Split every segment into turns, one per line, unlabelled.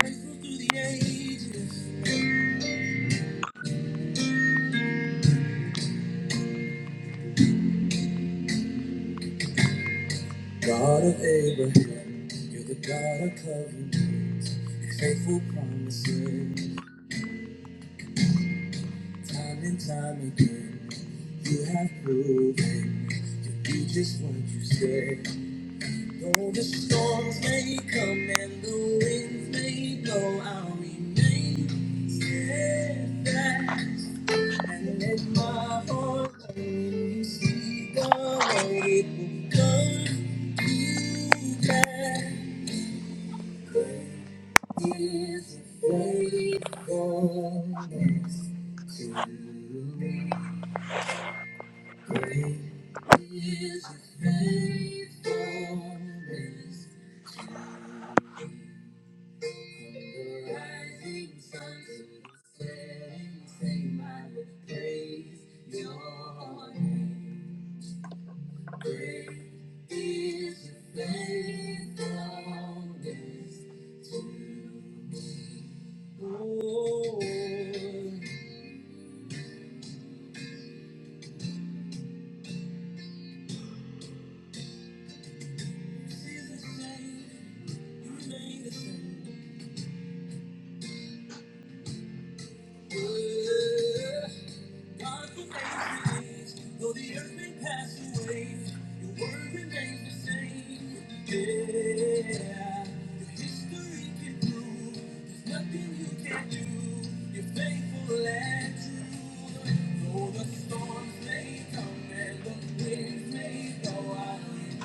Faithful through the ages. God of Abraham, you're the God of covenants, Your faithful promises, time and time again, you have proven you do just what you said. Though the storms may come and the winds may blow, I'll remain steadfast and let my heart know when you speak the word, it will come to pass. His faithfulness to me. Great is His faithfulness. The rising sun and the setting sun, I will praise your name. Great is your faithfulness to me. Oh, you're the same, you remain the same. God who made though the earth may pass away, your word remains the same. Yeah, your history can prove there's nothing you can't do. You're faithful and true. Though the storms may come and the winds may blow, I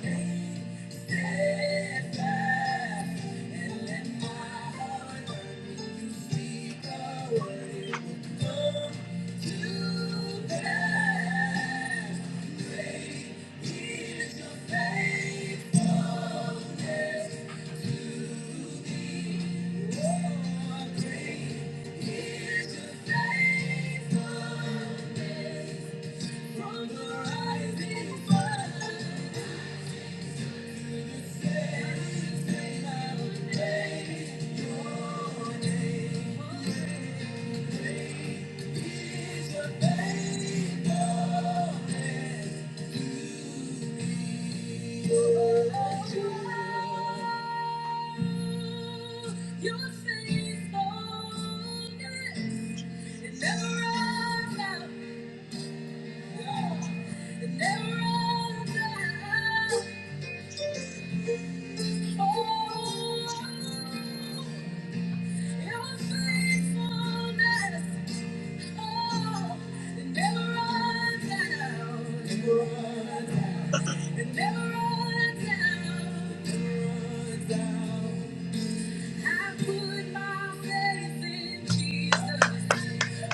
remain steadfast. And let my heart learn when you speak a word, it will come. Thank you. it It never runs out. It Never runs out. I put my faith in Jesus.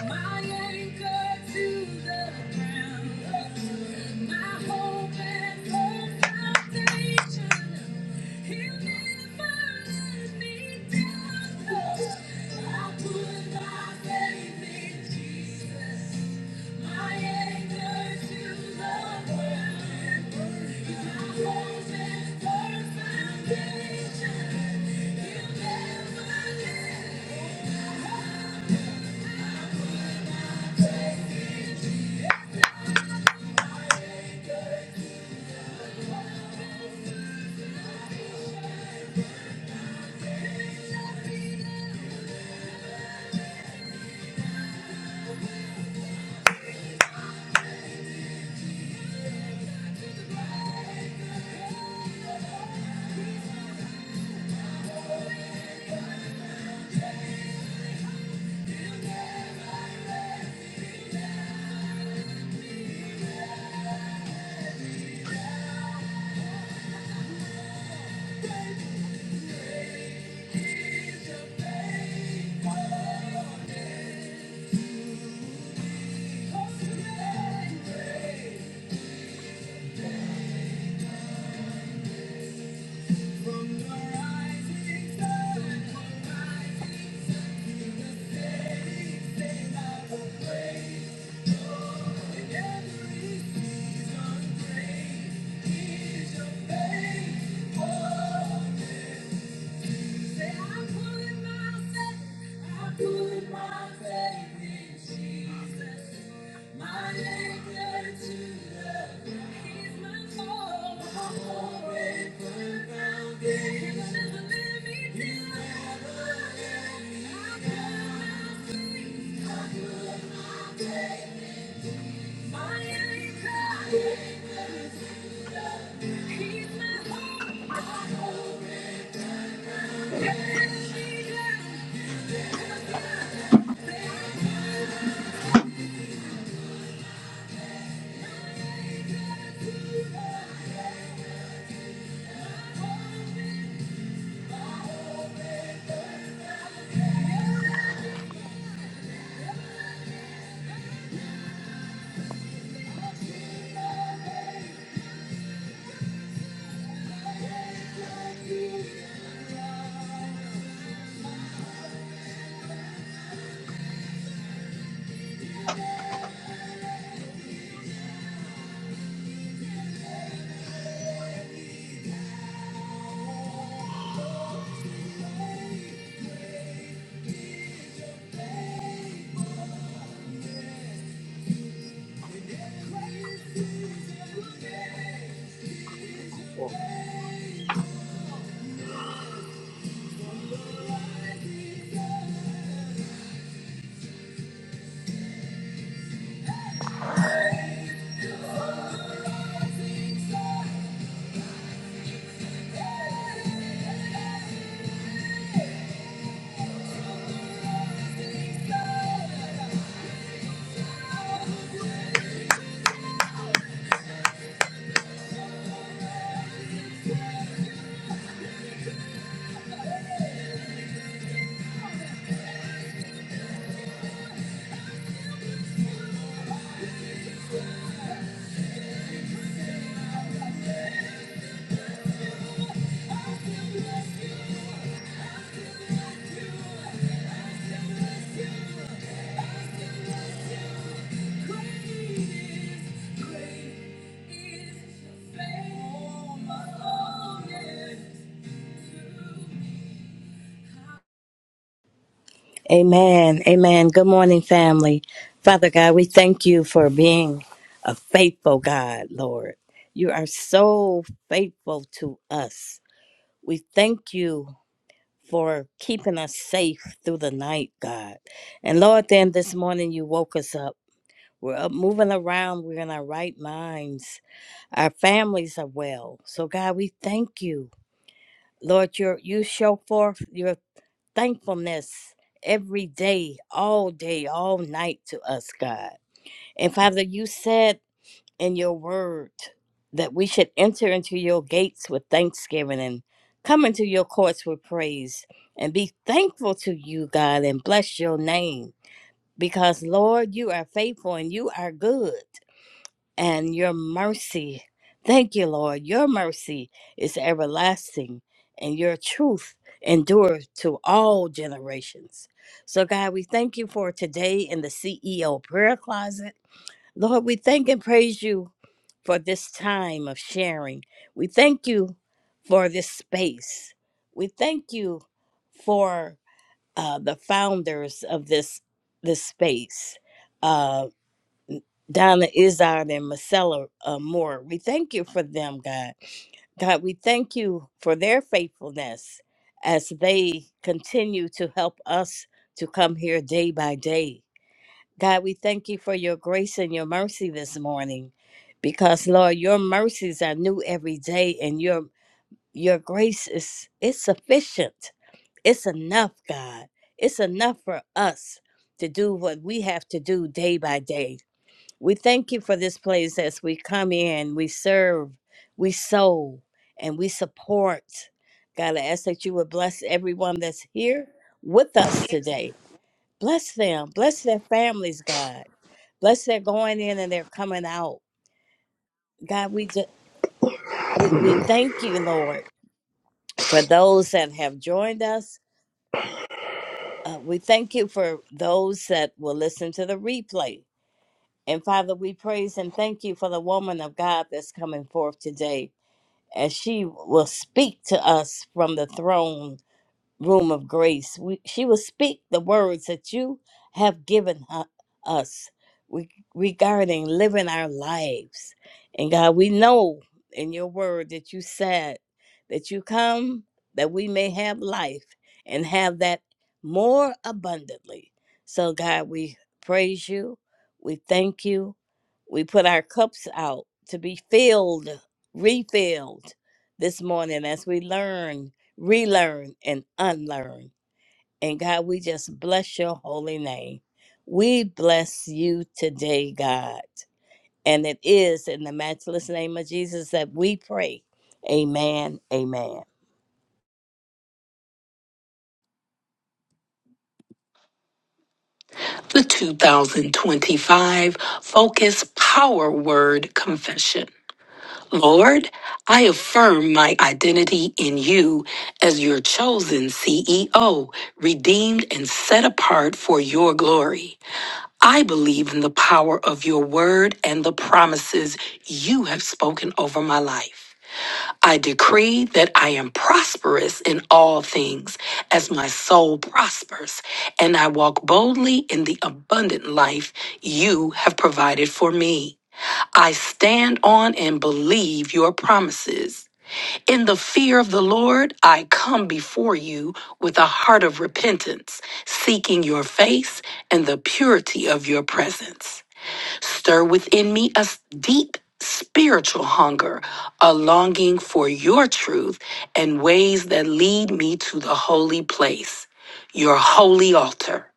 My anchor to the ground. My hope and foundation. he never let me down. I put my faith in Jesus. My anchor to the ground. My hope and foundation. he never let Thank you. He's my hope. My hope and she does.
Amen. Amen. Good morning, family. Father God, we thank you for being a faithful God, Lord. You are so faithful to us. We thank you for keeping us safe through the night, God. And Lord, then this morning you woke us up. We're up moving around. We're in our right minds. Our families are well. So, God, we thank you. Lord, you you show forth. your thankfulness every day, all day, all night to us, God. And Father, you said in your word that we should enter into your gates with thanksgiving and come into your courts with praise and be thankful to you, God, and bless your name. Because, Lord, you are faithful and you are good and your mercy. Thank you, Lord. Your mercy is everlasting, and your truth endures to all generations. So, God, we thank you for today in the CEO prayer closet. Lord, we thank and praise you for this time of sharing. We thank you for this space. We thank you for uh, the founders of this this space. Um, Donna Izard and Marcella uh, Moore. We thank you for them, God. God, we thank you for their faithfulness as they continue to help us to come here day by day. God, we thank you for your grace and your mercy this morning because Lord, your mercies are new every day and your your grace is it's sufficient. It's enough, God. It's enough for us to do what we have to do day by day. We thank you for this place as we come in, we serve, we sow, and we support. God, I ask that you would bless everyone that's here with us today. Bless them, bless their families, God. Bless their going in and their coming out. God, we just, we, we thank you, Lord, for those that have joined us. Uh, we thank you for those that will listen to the replay. And Father, we praise and thank you for the woman of God that's coming forth today. and she will speak to us from the throne room of grace. We, she will speak the words that you have given her, us re- regarding living our lives. And God, we know in your word that you said that you come that we may have life and have that more abundantly. So, God, we praise you. We thank you. We put our cups out to be filled, refilled this morning as we learn relearn and unlearn. And God, we just bless your holy name. We bless you today, God. And it is in the matchless name of Jesus that we pray. Amen. Amen.
The 2025 Focus Power Word Confession. Lord, I affirm my identity in you as your chosen CEO, redeemed and set apart for your glory. I believe in the power of your word and the promises you have spoken over my life. I decree that I am prosperous in all things as my soul prospers, and I walk boldly in the abundant life you have provided for me. I stand on and believe your promises. In the fear of the Lord, I come before you with a heart of repentance, seeking your face and the purity of your presence. Stir within me a deep spiritual hunger, a longing for your truth and ways that lead me to the holy place, your holy altar.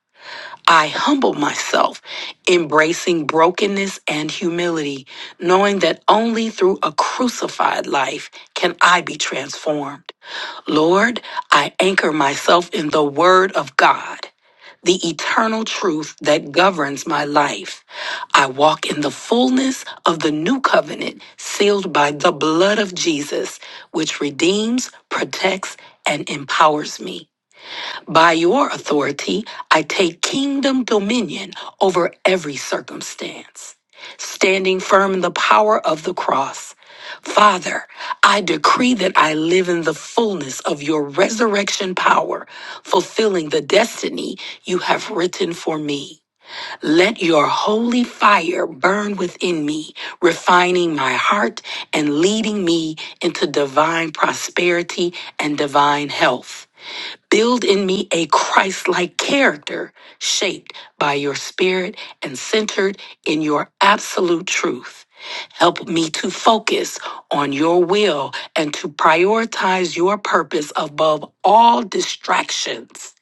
I humble myself, embracing brokenness and humility, knowing that only through a crucified life can I be transformed. Lord, I anchor myself in the Word of God the eternal truth that governs my life. I walk in the fullness of the new covenant sealed by the blood of Jesus, which redeems, protects, and empowers me. By your authority, I take kingdom dominion over every circumstance, standing firm in the power of the cross. Father, I decree that I live in the fullness of your resurrection power, fulfilling the destiny you have written for me. Let your holy fire burn within me, refining my heart and leading me into divine prosperity and divine health. Build in me a Christ like character shaped by your spirit and centered in your absolute truth. Help me to focus on your will and to prioritize your purpose above all distractions.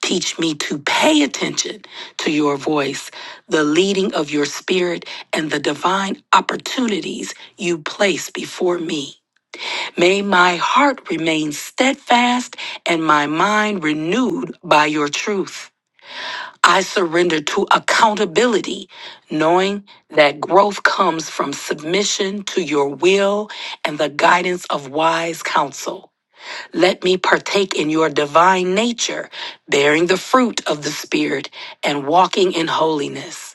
Teach me to pay attention to your voice, the leading of your spirit, and the divine opportunities you place before me. May my heart remain steadfast and my mind renewed by your truth. I surrender to accountability, knowing that growth comes from submission to your will and the guidance of wise counsel. Let me partake in your divine nature, bearing the fruit of the Spirit and walking in holiness.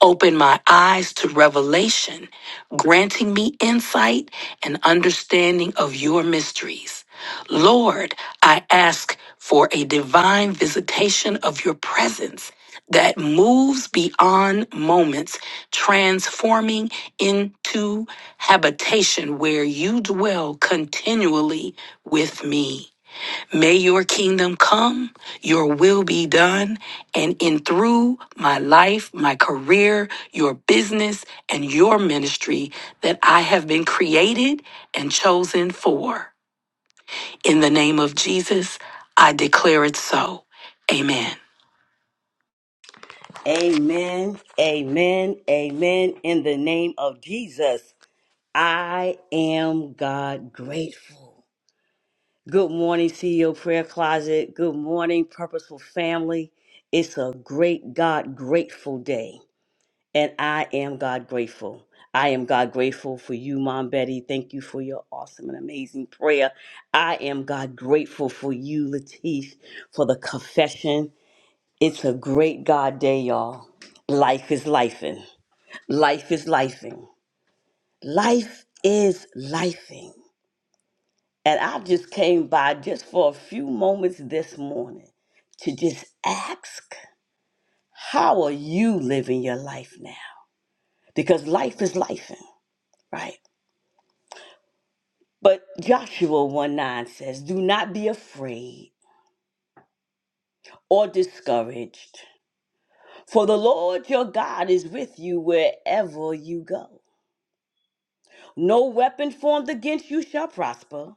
Open my eyes to revelation, granting me insight and understanding of your mysteries. Lord, I ask for a divine visitation of your presence that moves beyond moments, transforming into habitation where you dwell continually with me. May your kingdom come, your will be done, and in through my life, my career, your business, and your ministry that I have been created and chosen for. In the name of Jesus, I declare it so. Amen.
Amen, amen, amen. In the name of Jesus, I am God grateful. Good morning, CEO Prayer Closet. Good morning, Purposeful Family. It's a great God grateful day, and I am God grateful. I am God grateful for you, Mom Betty. Thank you for your awesome and amazing prayer. I am God grateful for you, Latif, for the confession. It's a great God day, y'all. Life is lifing. Life is lifing. Life is lifing. And I just came by just for a few moments this morning to just ask, how are you living your life now? Because life is life, right? But Joshua 1 9 says, Do not be afraid or discouraged, for the Lord your God is with you wherever you go. No weapon formed against you shall prosper.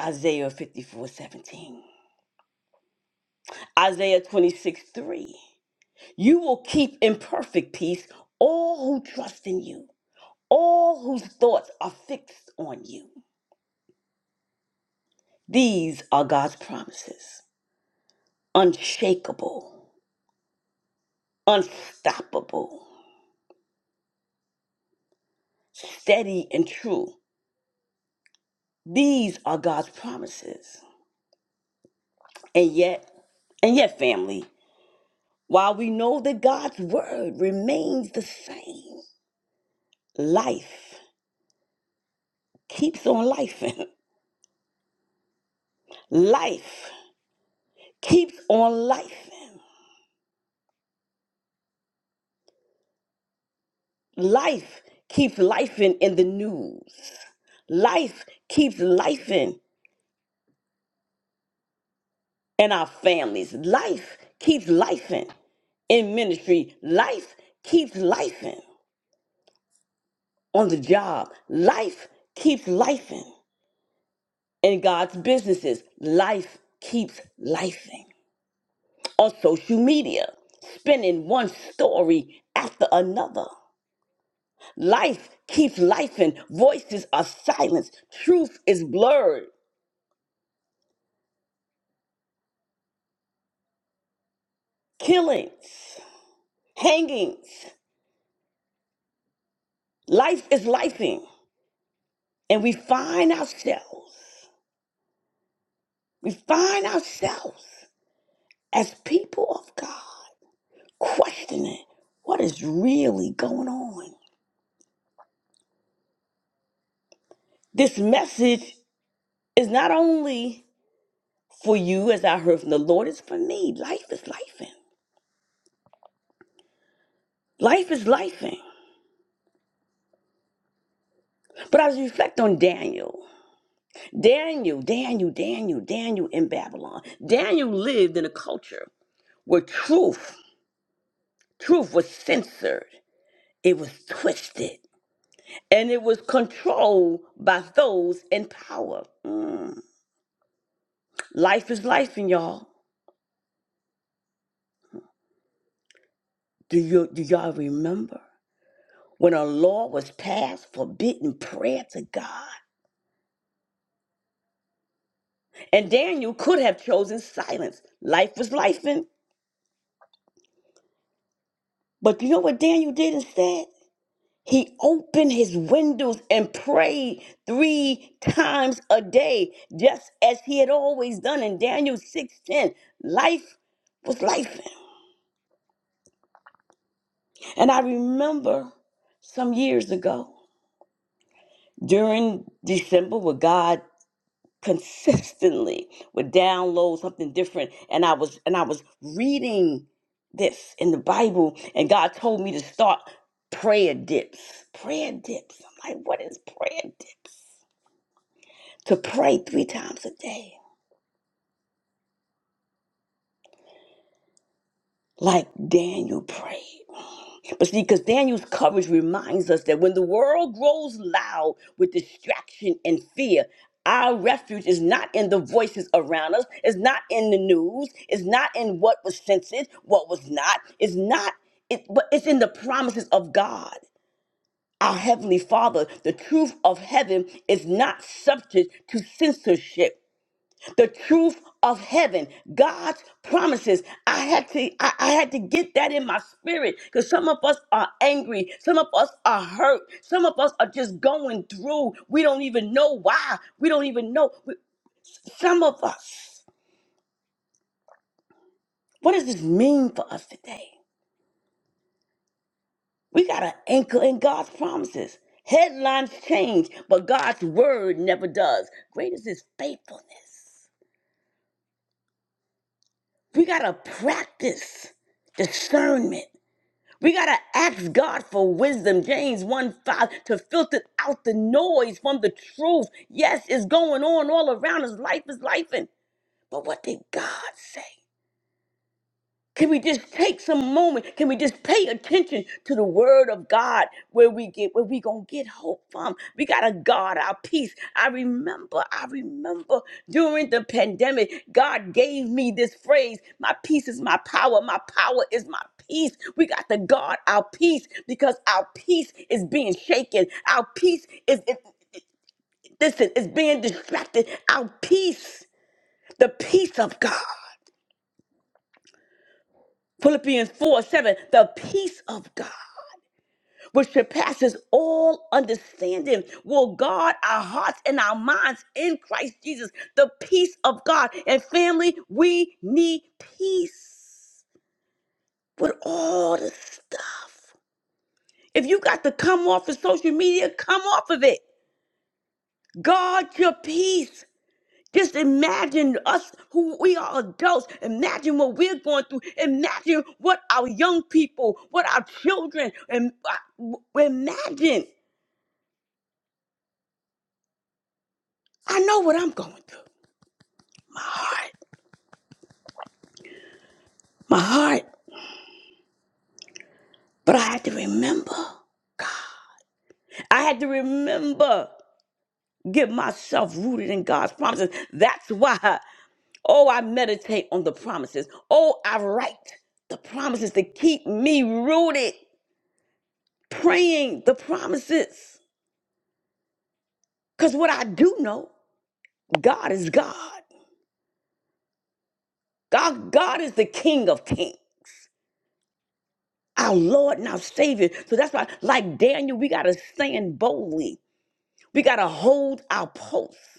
Isaiah fifty four seventeen, Isaiah 26 3. You will keep in perfect peace all who trust in you, all whose thoughts are fixed on you. These are God's promises unshakable, unstoppable, steady, and true. These are God's promises. And yet, and yet, family, while we know that God's word remains the same, life keeps on lifing. life keeps on lifing. Life keeps life in, in the news. Life keeps life in, in our families. Life keeps life in, in ministry. Life keeps life in, on the job. Life keeps life in, in God's businesses. Life keeps life in, on social media, spinning one story after another. Life keeps life in, voices are silenced, truth is blurred, killings hangings. Life is lifing. And we find ourselves, we find ourselves as people of God questioning what is really going on. This message is not only for you, as I heard from the Lord, it's for me. Life is lifing. Life is lifing. But I reflect on Daniel. Daniel, Daniel, Daniel, Daniel in Babylon. Daniel lived in a culture where truth, truth was censored. It was twisted and it was controlled by those in power. Mm. Life is life, and y'all. Do you do y'all remember when a law was passed forbidding prayer to God? And Daniel could have chosen silence. Life was life, and but you know what Daniel did instead? He opened his windows and prayed three times a day, just as he had always done in Daniel 6:10. Life was life. And I remember some years ago during December where God consistently would download something different and I was and I was reading this in the Bible and God told me to start prayer dips. Prayer dips. I'm like, what is prayer dips? To pray three times a day. Like Daniel prayed. But see, because Daniel's coverage reminds us that when the world grows loud with distraction and fear, our refuge is not in the voices around us, it's not in the news, it's not in what was censored, what was not, it's not, it, but it's in the promises of God. Our Heavenly Father, the truth of heaven is not subject to censorship the truth of heaven, God's promises. I had to, I, I had to get that in my spirit because some of us are angry, some of us are hurt, some of us are just going through. We don't even know why. We don't even know. We- Some of us. What does this mean for us today? We got to anchor in God's promises. Headlines change, but God's word never does. Great is His faithfulness. We got to practice discernment We got to ask God for wisdom. James 1 5 to filter out the noise from the truth. Yes, it's going on all around us. Life is life. But what did God say? Can we just take some moment? Can we just pay attention to the word of God where we get where we gonna get hope from? We gotta guard our peace. I remember, I remember during the pandemic, God gave me this phrase, my peace is my power, my power is my peace. We got to guard our peace because our peace is being shaken. Our peace is is- listen, is being distracted. Our peace, the peace of God. Philippians 4 7, the peace of God which surpasses all understanding, will guard our hearts and our minds in Christ Jesus, the peace of God. And family, we need peace with all the stuff. If you got to come off of social media, come off of it. Guard your peace. Just imagine us who we are adults. Imagine what we're going through. Imagine what our young people, what our children, and uh, imagine. I know what I'm going through. heart, my heart. But I had to remember. I had to remember, get myself rooted in God's promises. That's why, oh, I meditate on the promises. Oh, I write the promises to keep me rooted, praying the promises. Because what I do know, God is God. God, God is the King of kings, our Lord and our Savior. So that's why, like Daniel, we got to stand boldly. We got to hold our post.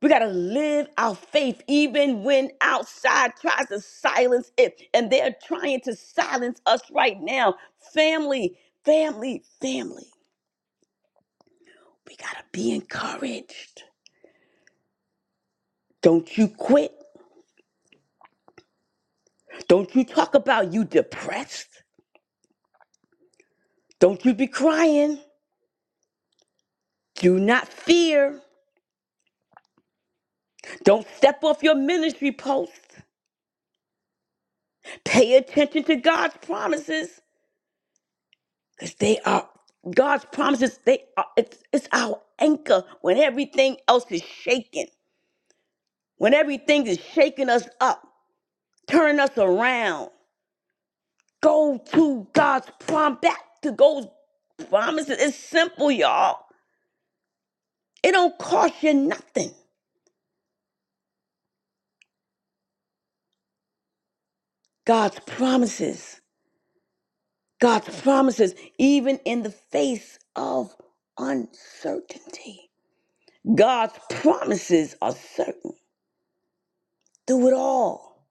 We got to live our faith even when outside tries to silence it. And they're trying to silence us right now. Family, family, family. We got to be encouraged. Don't you quit. Don't you talk about you depressed. Don't you be crying. Do not fear. Don't step off your ministry post. Pay attention to God's promises. Because they are God's promises, they are it's it's our anchor when everything else is shaking, when everything is shaking us up, turning us around. Go to God's prom back to God's promises. It's simple, y'all. It don't cost you nothing. God's promises. God's promises, even in the face of uncertainty. God's promises are certain through it all.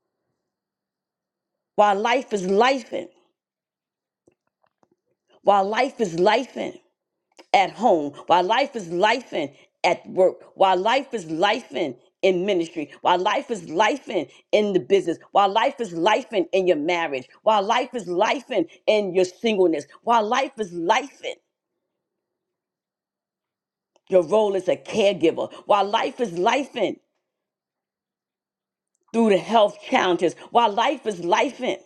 While life is life while life is lifing at home, while life is lifing at work, while life is lifing in ministry, while life is lifing in the business, while life is lifing in your marriage, while life is lifing in your singleness, while life is lifing your role as a caregiver, while life is lifing through the health challenges, while life is lifing,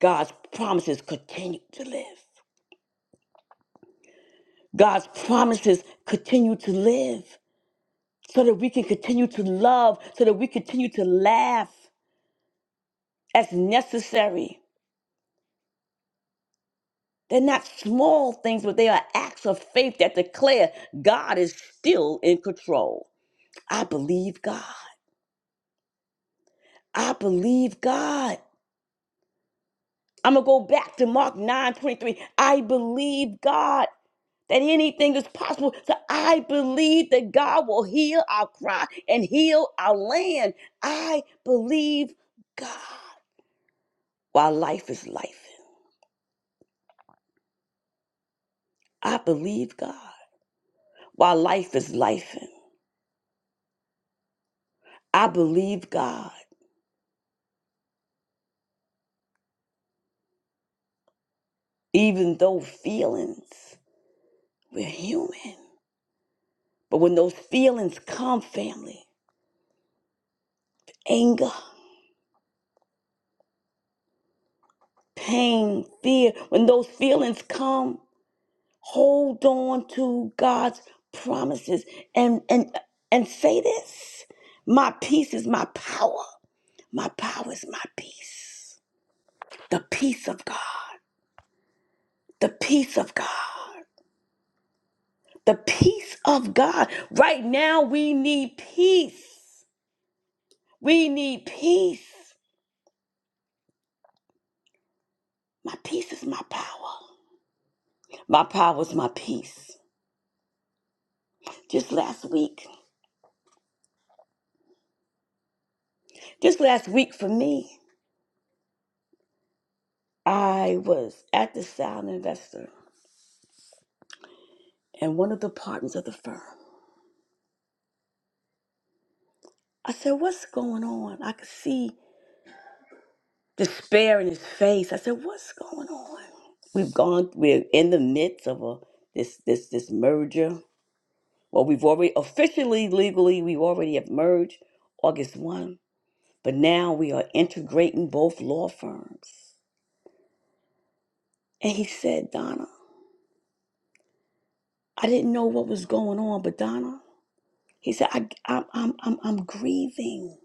God's promises continue to live. God's promises continue to live. so that we can continue to love, so that we continue to laugh as necessary. They're not small things, but they are acts of faith that declare God is still in control. I believe God. I believe God. I'm going to go back to Mark 9 twenty-three. I believe God that anything is possible. So I believe that God will heal our cry and heal our land. I believe God while life is life. I believe God while life is life. I believe God, even though feelings, we're human. But when those feelings come, family, anger, pain, fear, when those feelings come, hold on to God's promises and and and say this. My peace is my power. My power is my peace. The peace of God. The peace of God. The peace of God. Right now, we need peace. We need peace. My peace is my power. My power is my peace. Just last week, just last week for me, I was at the Sound Investor and one of the partners of the firm. I said, What's going on? I could see despair in his face. I said, What's going on? We've gone, we're in the midst of a, this, this, this merger Well, we've already officially, legally, we already have merged August 1, but now we are integrating both law firms. And he said, Donna, I didn't know what was going on, but Donna, he said, I, I'm, I'm, I'm, I'm grieving.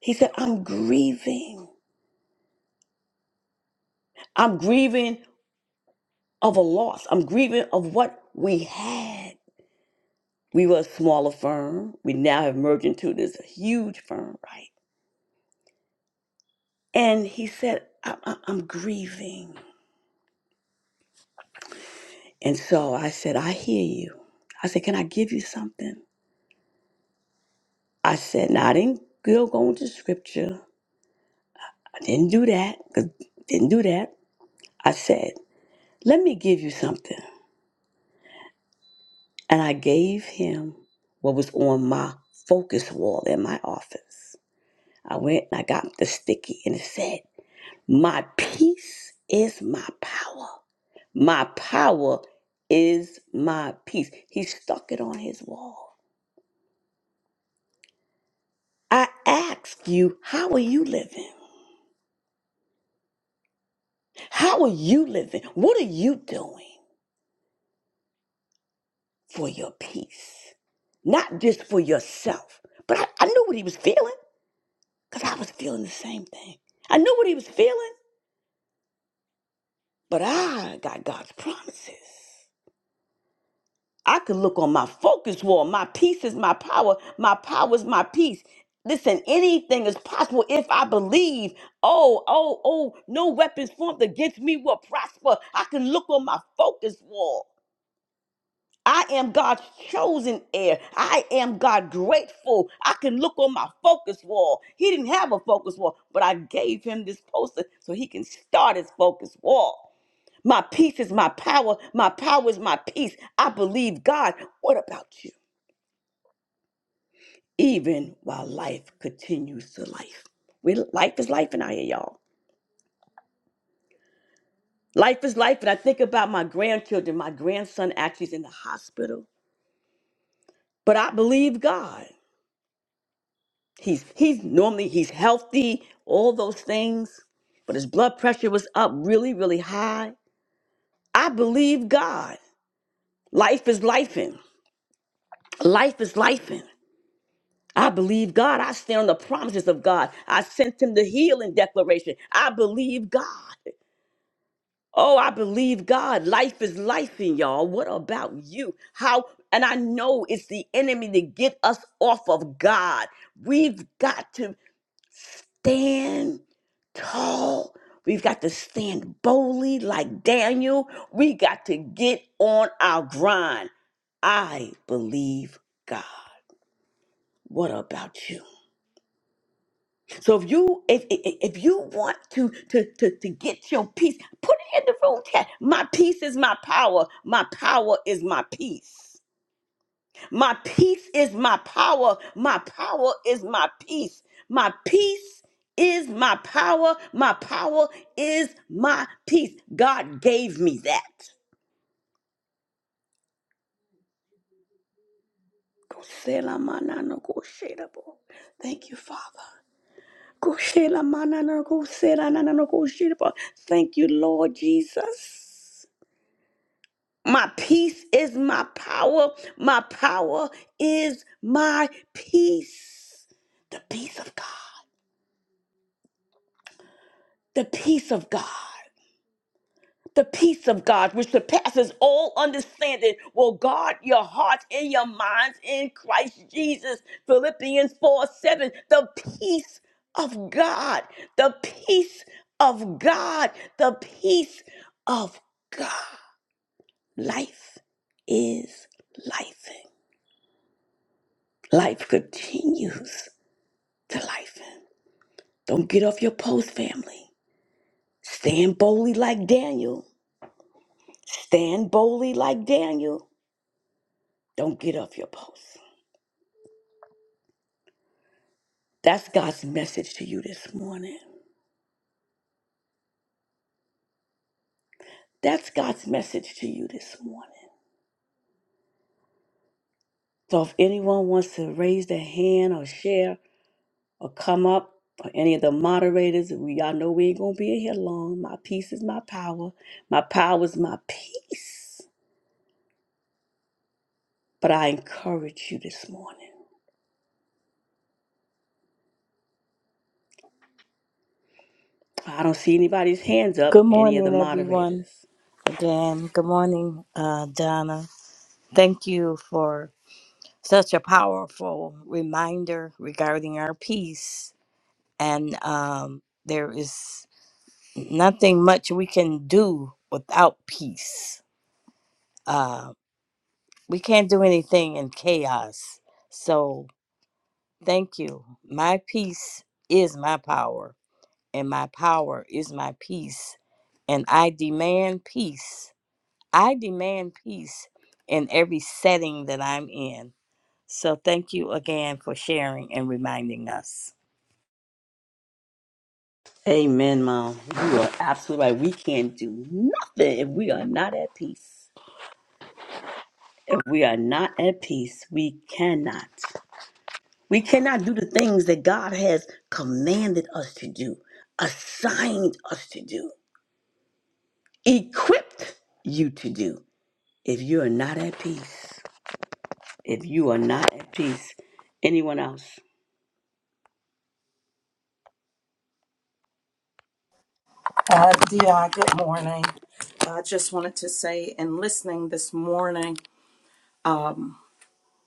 He said, I'm grieving. I'm grieving of a loss. I'm grieving of what we had. We were a smaller firm. We now have merged into this huge firm, right? And he said, I, I, I'm grieving. And so I said, I hear you. I said, Can I give you something? I said, No, I didn't go go into scripture. I didn't do that. 'cause- Didn't do that. I said, Let me give you something. And I gave him what was on my focus wall in my office. I went and I got the sticky and it said, My peace is my power. My power is my peace. He stuck it on his wall. I ask you, how are you living? How are you living? What are you doing for your peace? Not just for yourself. But I, I knew what he was feeling because I was feeling the same thing. I knew what he was feeling, but I got God's promises. I could look on my focus wall. My peace is my power. My power is my peace. Listen, anything is possible if I believe. Oh, oh, oh, no weapons formed against me will prosper. I can look on my focus wall. I am God's chosen heir. I am God grateful. I can look on my focus wall. He didn't have a focus wall, but I gave him this poster so he can start his focus wall. My peace is my power. My power is my peace. I believe God. What about you? Even while life continues to life. We, life is life in out here, y'all. Life is life. And I think about my grandchildren. My grandson actually is in the hospital. But I believe God. He's he's normally he's healthy, all those things, but his blood pressure was up really, really high. I believe God. Life is life in. Life is life in. I believe God. I stand on the promises of God. I sent him the healing declaration. I believe God. Oh, I believe God. Life is life in y'all. What about you? How and I know it's the enemy to get us off of God. We've got to. stand tall. We've got to stand boldly like Daniel. We got to get on our grind. I believe God. What about you? So if you if if if you want to to to to get your peace, put it in the room chat. My peace is my power. My power is my peace. My peace is my power. My power is my peace. My peace is my power. My power is my peace. God gave me that. Koselamananokosherebo. Thank you, Father. Koselamananokoshelananokosherebo. Thank you, Lord Jesus. My peace is my power. My power is my peace. The peace of God. the peace of God, the peace of God, which surpasses all understanding, will guard your hearts and your minds in Christ Jesus. Philippians 4 7. The peace of God, the peace of God, the peace of God. Life is life. Life continues to life. Don't get off your post, family. Stand boldly like Daniel. Stand boldly like Daniel. Don't get off your post. That's God's message to you this morning. That's God's message to you this morning. So if anyone wants to raise their hand or share or come up, or any of the moderators, we y'all know we ain't gonna be in here long. My peace is my power. My power is my peace. But I encourage you this morning. I don't see anybody's hands up,
Good
any of the
morning, everyone.
moderators.
Again, good morning, uh, Donna. Thank you for such a powerful reminder regarding our peace. And um, there is nothing much we can do without peace uh, we can't do anything in chaos. So thank you. My peace is my power, and my power is my peace. And I demand peace. I demand peace in every setting that I'm in. So thank you again for sharing and reminding us.
Amen, Mom. You are absolutely right. We can't do nothing if we are not at peace. If we are not at peace, we cannot. We cannot do the things that God has commanded us to do, assigned us to do, equipped you to do. If you are not at peace, if you are not at peace, anyone else?
Uh, Di, good morning. I just wanted to say, in listening this morning, um,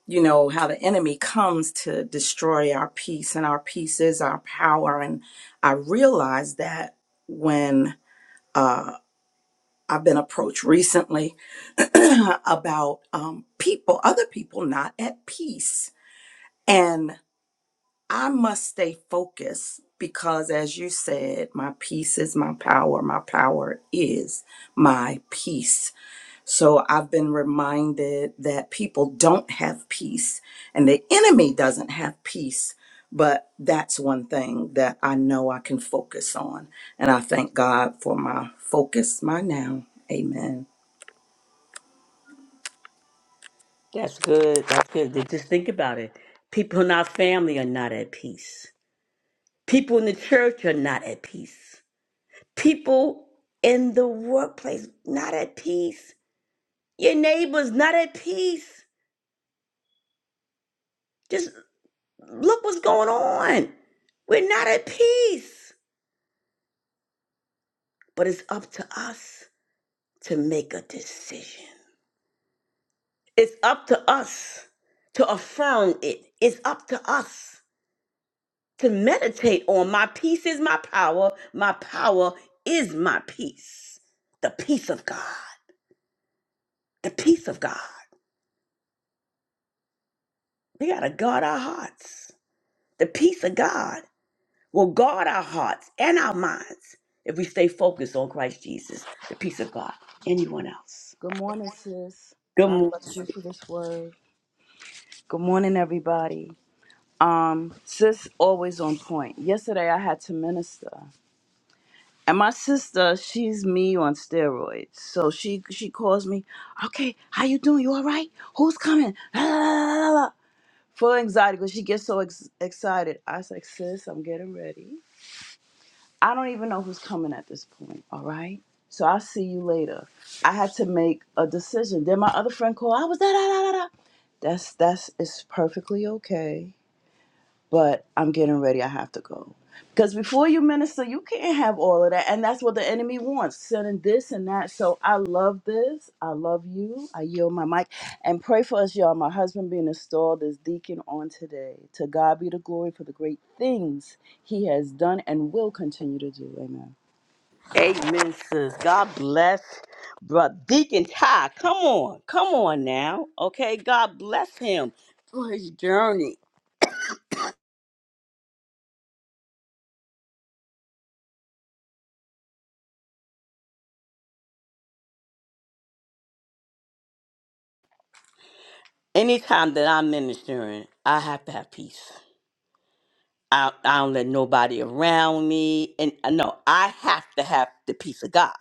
you know, how the enemy comes to destroy our peace, and our peace is our power. And I realized that when uh, I've been approached recently about um, people, other people not at peace. And I must stay focused because, as you said, my peace is my power, my power is my peace. So I've been reminded that people don't have peace and the enemy doesn't have peace. But that's one thing that I know I can focus on. And I thank God for my focus, my now. Amen.
That's good. That's good. Then Just think about it. People in our family are not at peace. People in the church are not at peace. People in the workplace not at peace. Your neighbor's not at peace. Just look what's going on. We're not at peace. But it's up to us to make a decision. It's up to us to affirm it. It's up to us to meditate on my peace is my power. My power is my peace. The peace of God. The peace of God. We got to guard our hearts. The peace of God. will guard our hearts and our minds if we stay focused on Christ Jesus, the peace of God. Anyone else?
Good morning, sis.
Good
God
morning.
bless you for this word. Good morning, everybody. Um, sis always on point. Yesterday I had to minister. And my sister, she's me on steroids. So she she calls me, okay, how you doing? You all right? Who's coming? La, la, Full of anxiety because she gets so ex- excited. I was like, sis, I'm getting ready. I don't even know who's coming at this point, all right? So I'll see you later. I had to make a decision. Then my other friend called, I was da da da da da. That's that's it's perfectly okay but I'm getting ready. I have to go. Because before you minister, you can't have all of that. And that's what the enemy wants, sending this and that. So I love this. I love you. I yield my mic. And pray for us, y'all. My husband being installed as deacon on today. To God be the glory for the great things he has done and will continue to do. Amen.
Amen, sis. God bless. Brother Deacon Ty, come on. Come on now. Okay, God bless him for his journey. Anytime that I'm ministering, I have to have peace. I, I don't let nobody around me. And I know I have to have the peace of God.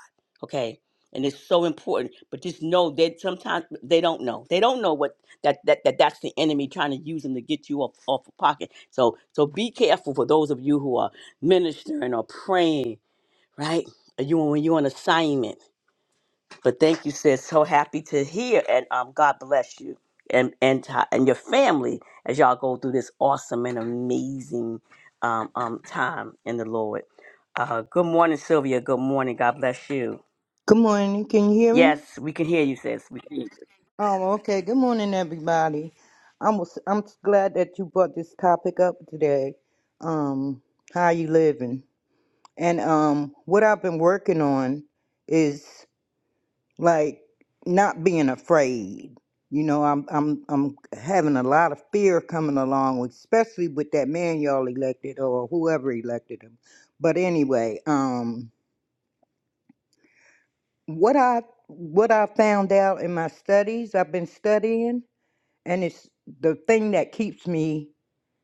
Okay. And it's so important. But just know that sometimes they don't know. They don't know what that, that, that that's the enemy trying to use them to get you off off a pocket. So so be careful for those of you who are ministering or praying, right? Or You when you're on assignment. But thank you, sis. So happy to hear, and um, God bless you and and ti- and your family as y'all go through this awesome and amazing um, um time in the Lord. Uh, good morning, Sylvia. Good morning. God bless you.
Good morning. Can you hear me?
Yes, we can hear you, sis. We can hear you.
Oh, okay. Good morning, everybody. I'm was, I'm glad that you brought this topic up today. Um, how you living? And um, what I've been working on is like not being afraid. You know, I'm I'm I'm having a lot of fear coming along, especially with that man y'all elected or whoever elected him. But anyway, um, what I what I found out in my studies, I've been studying and it's the thing that keeps me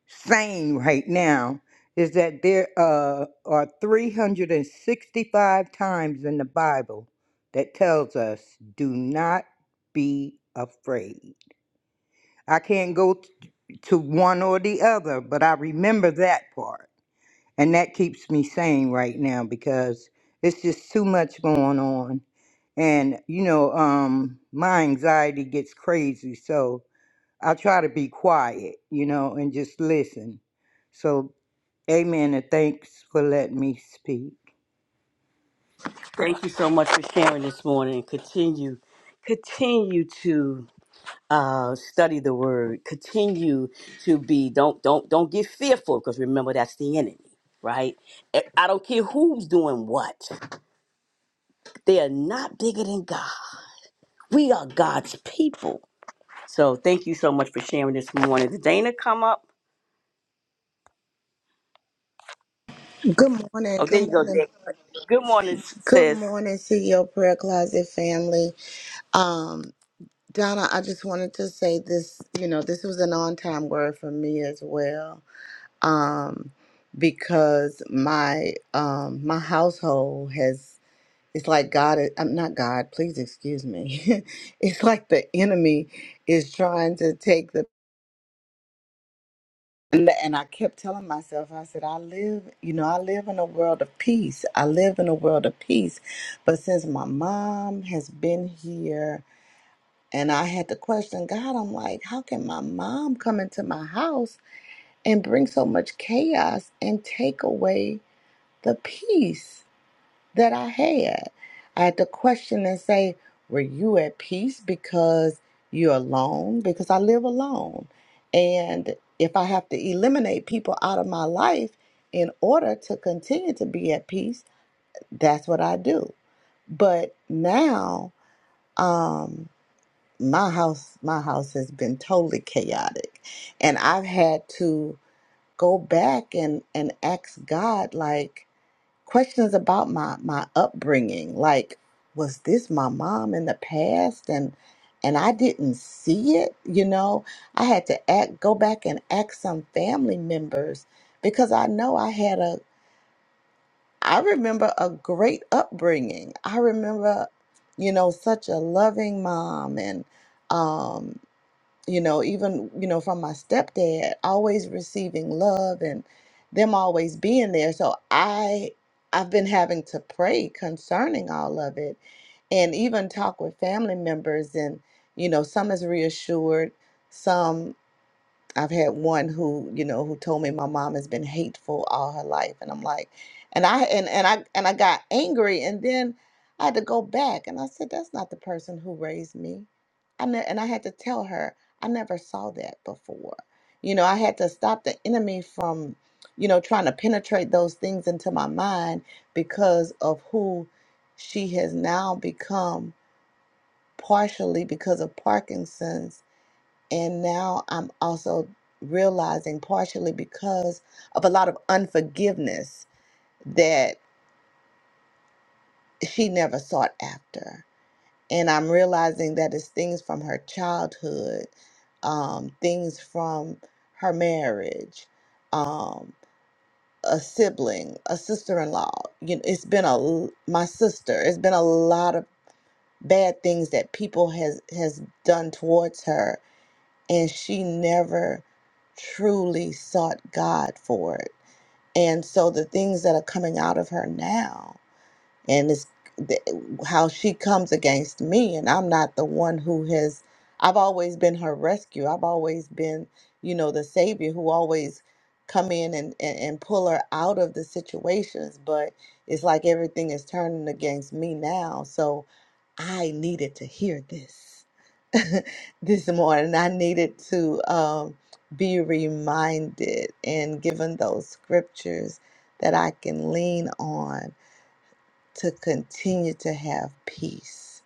sane right now is that there uh, are 365 times in the Bible that tells us do not be afraid. I can't go t- to one or the other, but I remember that part. And that keeps me sane right now because it's just too much going on. And you know, um my anxiety gets crazy, so I try to be quiet, you know, and just listen. So, amen and thanks for letting me speak.
Thank you so much for sharing this morning. Continue, continue to uh, study the Word. Continue to be don't don't don't get fearful because remember that's the enemy, right? I I don't care who's doing what. They are not bigger than God. We are God's people. So thank you so much for sharing this morning. Did Dana come up?
Good
Oh,
morning.
there
Good
you go,
morning.
Dana. Good morning,
Good
sis.
morning, CEO Prayer Closet family. Um, Donna, I just wanted to say this, you know, this was an on time word for me as well. Um, because my um my household has it's like God is- I'm not God, please excuse me. it's like the enemy is trying to take the L- and I kept telling myself, I said, I live, you know, I live in a world of peace. I live in a world of peace. But since my mom has been here and I had to question God, I'm like, how can my mom come into my house and bring so much chaos and take away the peace? that I had. I had to question and say, Were you at peace because you're alone? Because I live alone. And if I have to eliminate people out of my life in order to continue to be at peace, that's what I do. But now, um, my house my house has been totally chaotic and I've had to go back and and ask God like questions about my my upbringing like was this my mom in the past and and I didn't see it you know I had to act go back and ask some family members because I know I had a I remember a great upbringing I remember you know such a loving mom and um you know, even, you know, from my stepdad, always receiving love and them always being there. So I I've been having to pray concerning all of it and even talk with family members and you know, some is reassured, some I've had one who, you know, who told me my mom has been hateful all her life, and I'm like, and I and and I and I got angry, and then I had to go back, and I said, that's not the person who raised me. I ne- and I had to tell her I never saw that before. You know, I had to stop the enemy from, you know, trying to penetrate those things into my mind because of who she has now become, partially because of Parkinson's and now I'm also realizing, partially because of a lot of unforgiveness that she never sought after. And I'm realizing that it's things from her childhood, um, things from her marriage, um, a sibling, a sister in law. You know, it's been a l- my sister. It's been a lot of bad things that people has has done towards her and she never truly sought God for it. And so the things that are coming out of her now and it's th- how she comes against me and i'm not the one who has i've always been her rescue i've always been you know the savior who always come in and, and, and pull her out of the situations but it's like everything is turning against me now so i needed to hear this this morning i needed to um, be reminded and given those scriptures that i can lean on to continue to have peace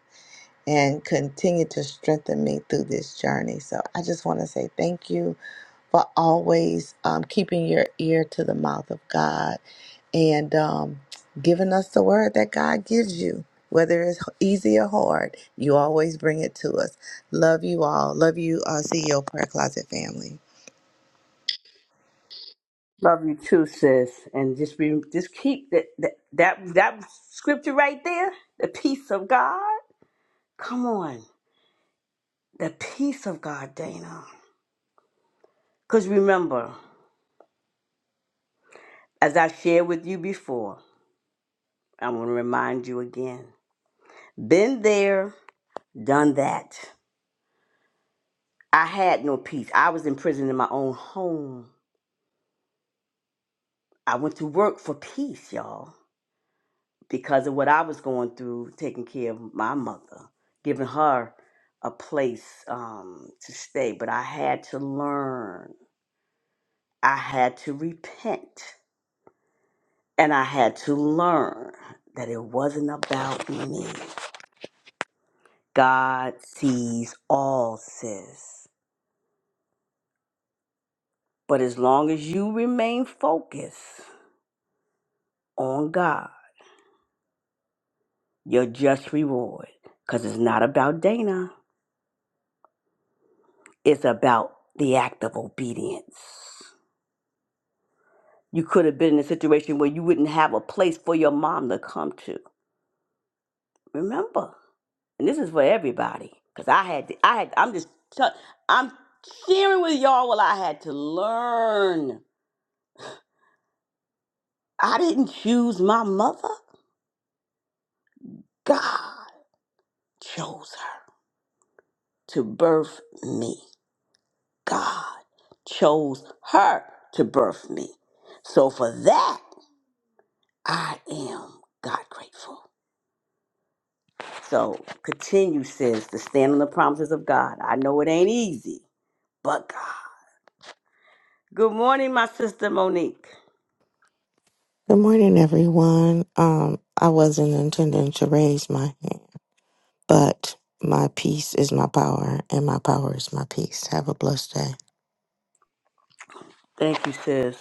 and continue to strengthen me through this journey. So I just want to say thank you for always um, keeping your ear to the mouth of God and um, giving us the word that God gives you. Whether it's easy or hard, you always bring it to us. Love you all. Love you, uh, CEO Prayer Closet family.
Love you too, sis. And just be, just keep that, that that that scripture right there. The peace of God. Come on, the peace of God, Dana. Because remember, as I shared with you before, I am going to remind you again. Been there, done that. I had no peace. I was in prison in my own home. I went to work for peace, y'all, because of what I was going through, taking care of my mother, giving her a place um, to stay. But I had to learn, I had to repent, and I had to learn that it wasn't about me. God sees all, sis. But as long as you remain focused on God, your just reward, because it's not about Dana. It's about the act of obedience. You could have been in a situation where you wouldn't have a place for your mom to come to. Remember, and this is for everybody, because I had, to, I had, I'm just, i I'm sharing with y'all what I had to learn. I didn't choose my mother. God chose her to birth me. God chose her to birth me. So for that, I am God grateful. So continue, sis, to stand on the promises of God. I know it ain't easy, but God. Good morning, my sister Monique.
Good morning, everyone. Um, I wasn't intending to raise my hand, but my peace is my power, and my power is my peace. Have a blessed day.
Thank you, sis.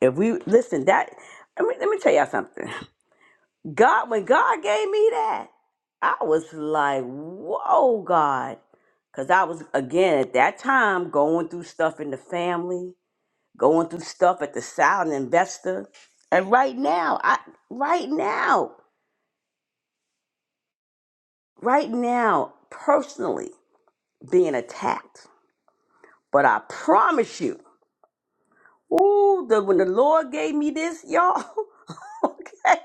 If we listen, that let me let me tell y'all something. God, when God gave me that, I was like, whoa, God. Cause I was again at that time going through stuff in the family, going through stuff at the silent investor. And right now, I right now, right now, personally. being attacked. But I promise you, ooh, the, when the Lord gave me this, y'all, okay,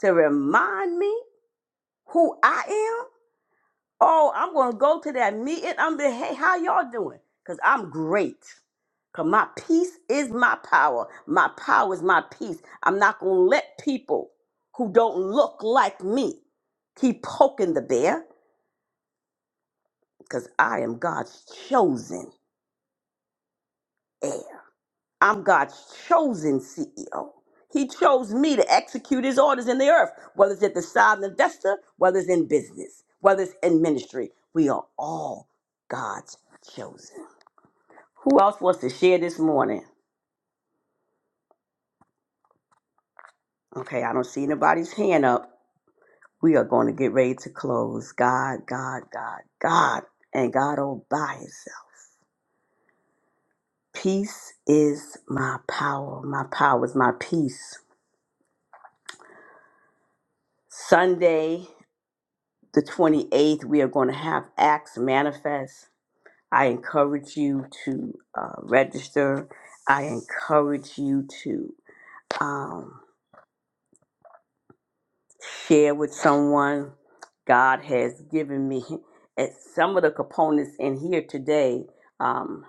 to remind me who I am, oh, I'm going to go to that meeting. I'm be, hey, how y'all doing? Because I'm great. Because my peace is my power. My power is my peace. I'm not going to let people who don't look like me keep poking the bear because I am God's chosen heir. I'm God's chosen CEO. He chose me to execute his orders in the earth, whether it's at the side of the investor, whether it's in business, whether it's in ministry. We are all God's chosen. Who else wants to share this morning? Okay, I don't see anybody's hand up. We are going to get ready to close. God, God, God, God, and God all by himself. Peace is my power. My power is my peace. Sunday. the 28th, we are going to have Acts Manifest. I encourage you to uh, register. I encourage you to um, share with someone. God has given me and some of the components in here today. Um,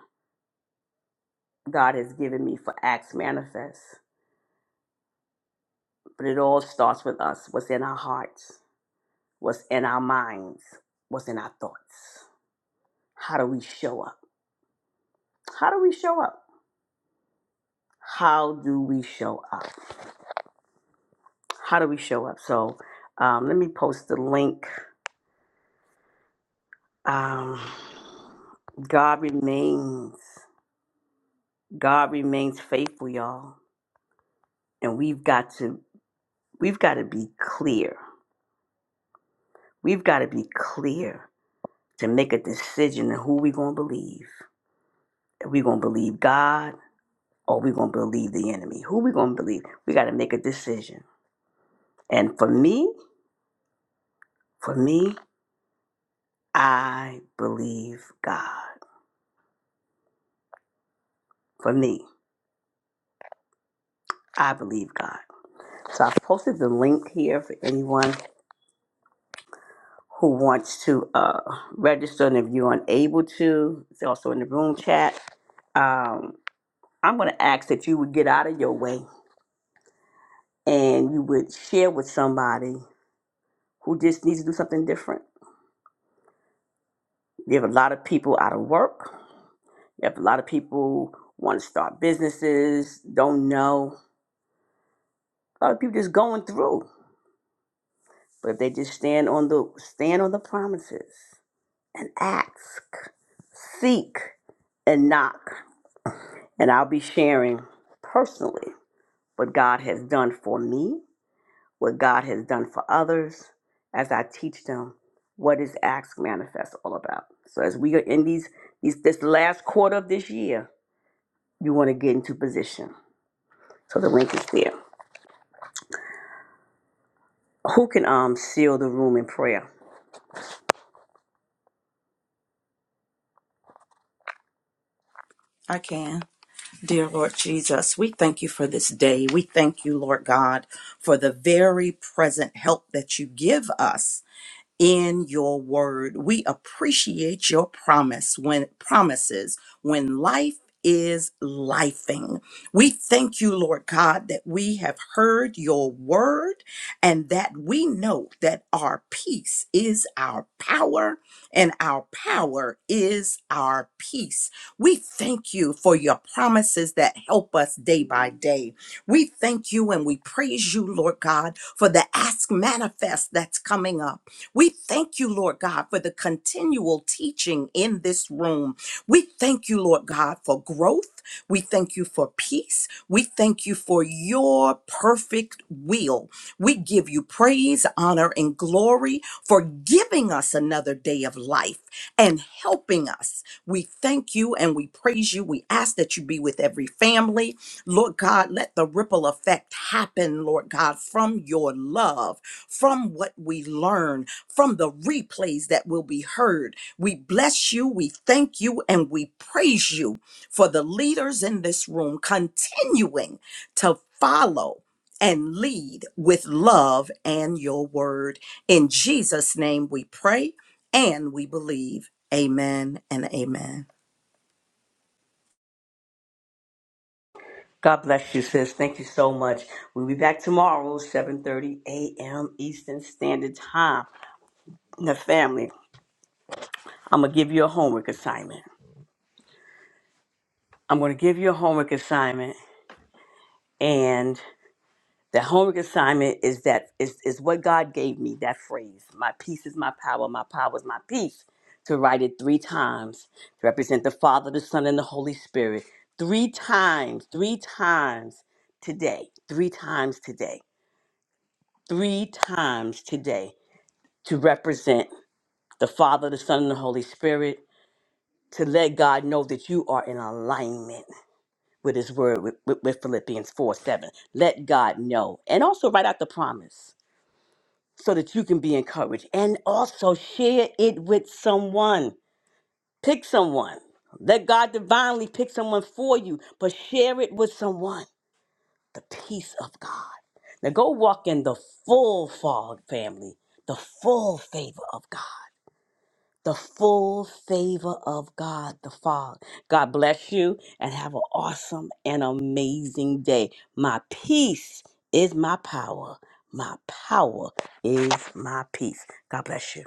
God has given me for Acts Manifest. But it all starts with us what's in our hearts, what's in our minds, what's in our thoughts. How do we show up? How do we show up? how do we show up? How do we show up? So um, let me post the link. Um, God remains. God remains faithful, y'all. And we've got to we've got to be clear. We've got to be clear to make a decision on who we're gonna believe. Are we gonna believe God or we gonna believe the enemy? Who we gonna believe? We gotta make a decision. And for me, for me, I believe God. For me. I believe God. So I've posted the link here for anyone who wants to uh, register, and if you're unable to, it's also in the room chat. Um, I'm going to ask that you would get out of your way and you would share with somebody who just needs to do something different. You have a lot of people out of work. You have a lot of people want to start businesses, don't know. A lot of people just going through, but if they just stand on the stand on the promises. and ask, seek, and knock. And I'll be sharing personally what God has done for me, what God has done for others, as I teach them what is Acts Manifest all about. So as we are in these, these this last quarter of this year, you want to get into position. So the link is there. Who can um seal the room in prayer?
I can. Dear Lord Jesus, we thank you for this day. We thank you, Lord God, for the very present help that you give us in your word. We appreciate your promise when promises when life is lifing. We thank you, Lord God, that we have heard your word and that we know that our peace is our power and our power is our peace. We thank you for your promises that help us day by day. We thank you and we praise you, Lord God, for the ask manifest that's coming up. We thank you, Lord God, for the continual teaching in this room. We thank you, Lord God, for growth. We thank you for peace. We thank you for your perfect will. We give you praise, honor, and glory for giving us another day of life and helping us. We thank you and we praise you. We ask that you be with every family. Lord God, let the ripple effect happen, Lord God, from your love, from what we learn from the replays that will be heard. We bless you, we thank you, and we praise you for the leaders in this room continuing to follow and lead with love and your word. In Jesus' name we pray and we believe. Amen and amen.
God bless you, sis. Thank you so much. We'll be back tomorrow, 7:30 a.m. Eastern Standard Time. Now, family, I'm going to give you a homework assignment. I'm going to give you a homework assignment. And the homework assignment is that is, is what God gave me, that phrase. My peace is my power. My power is my peace. To write it three times to represent the Father, the Son, and the Holy Spirit. Three times, three times today. Three times today. Three times today to represent the Father, the Son, and the Holy Spirit. To let God know that you are in alignment with his word with, with, with Philippians 4 7. Let God know. And also write out the promise so that you can be encouraged. And also share it with someone. Pick someone. Let God divinely pick someone for you, but share it with someone. The peace of God. Now go walk in the full fog family, the full favor of God the full favor of God the Father. God bless you and have an awesome and amazing day. My peace is my power. My power is my peace. God bless you.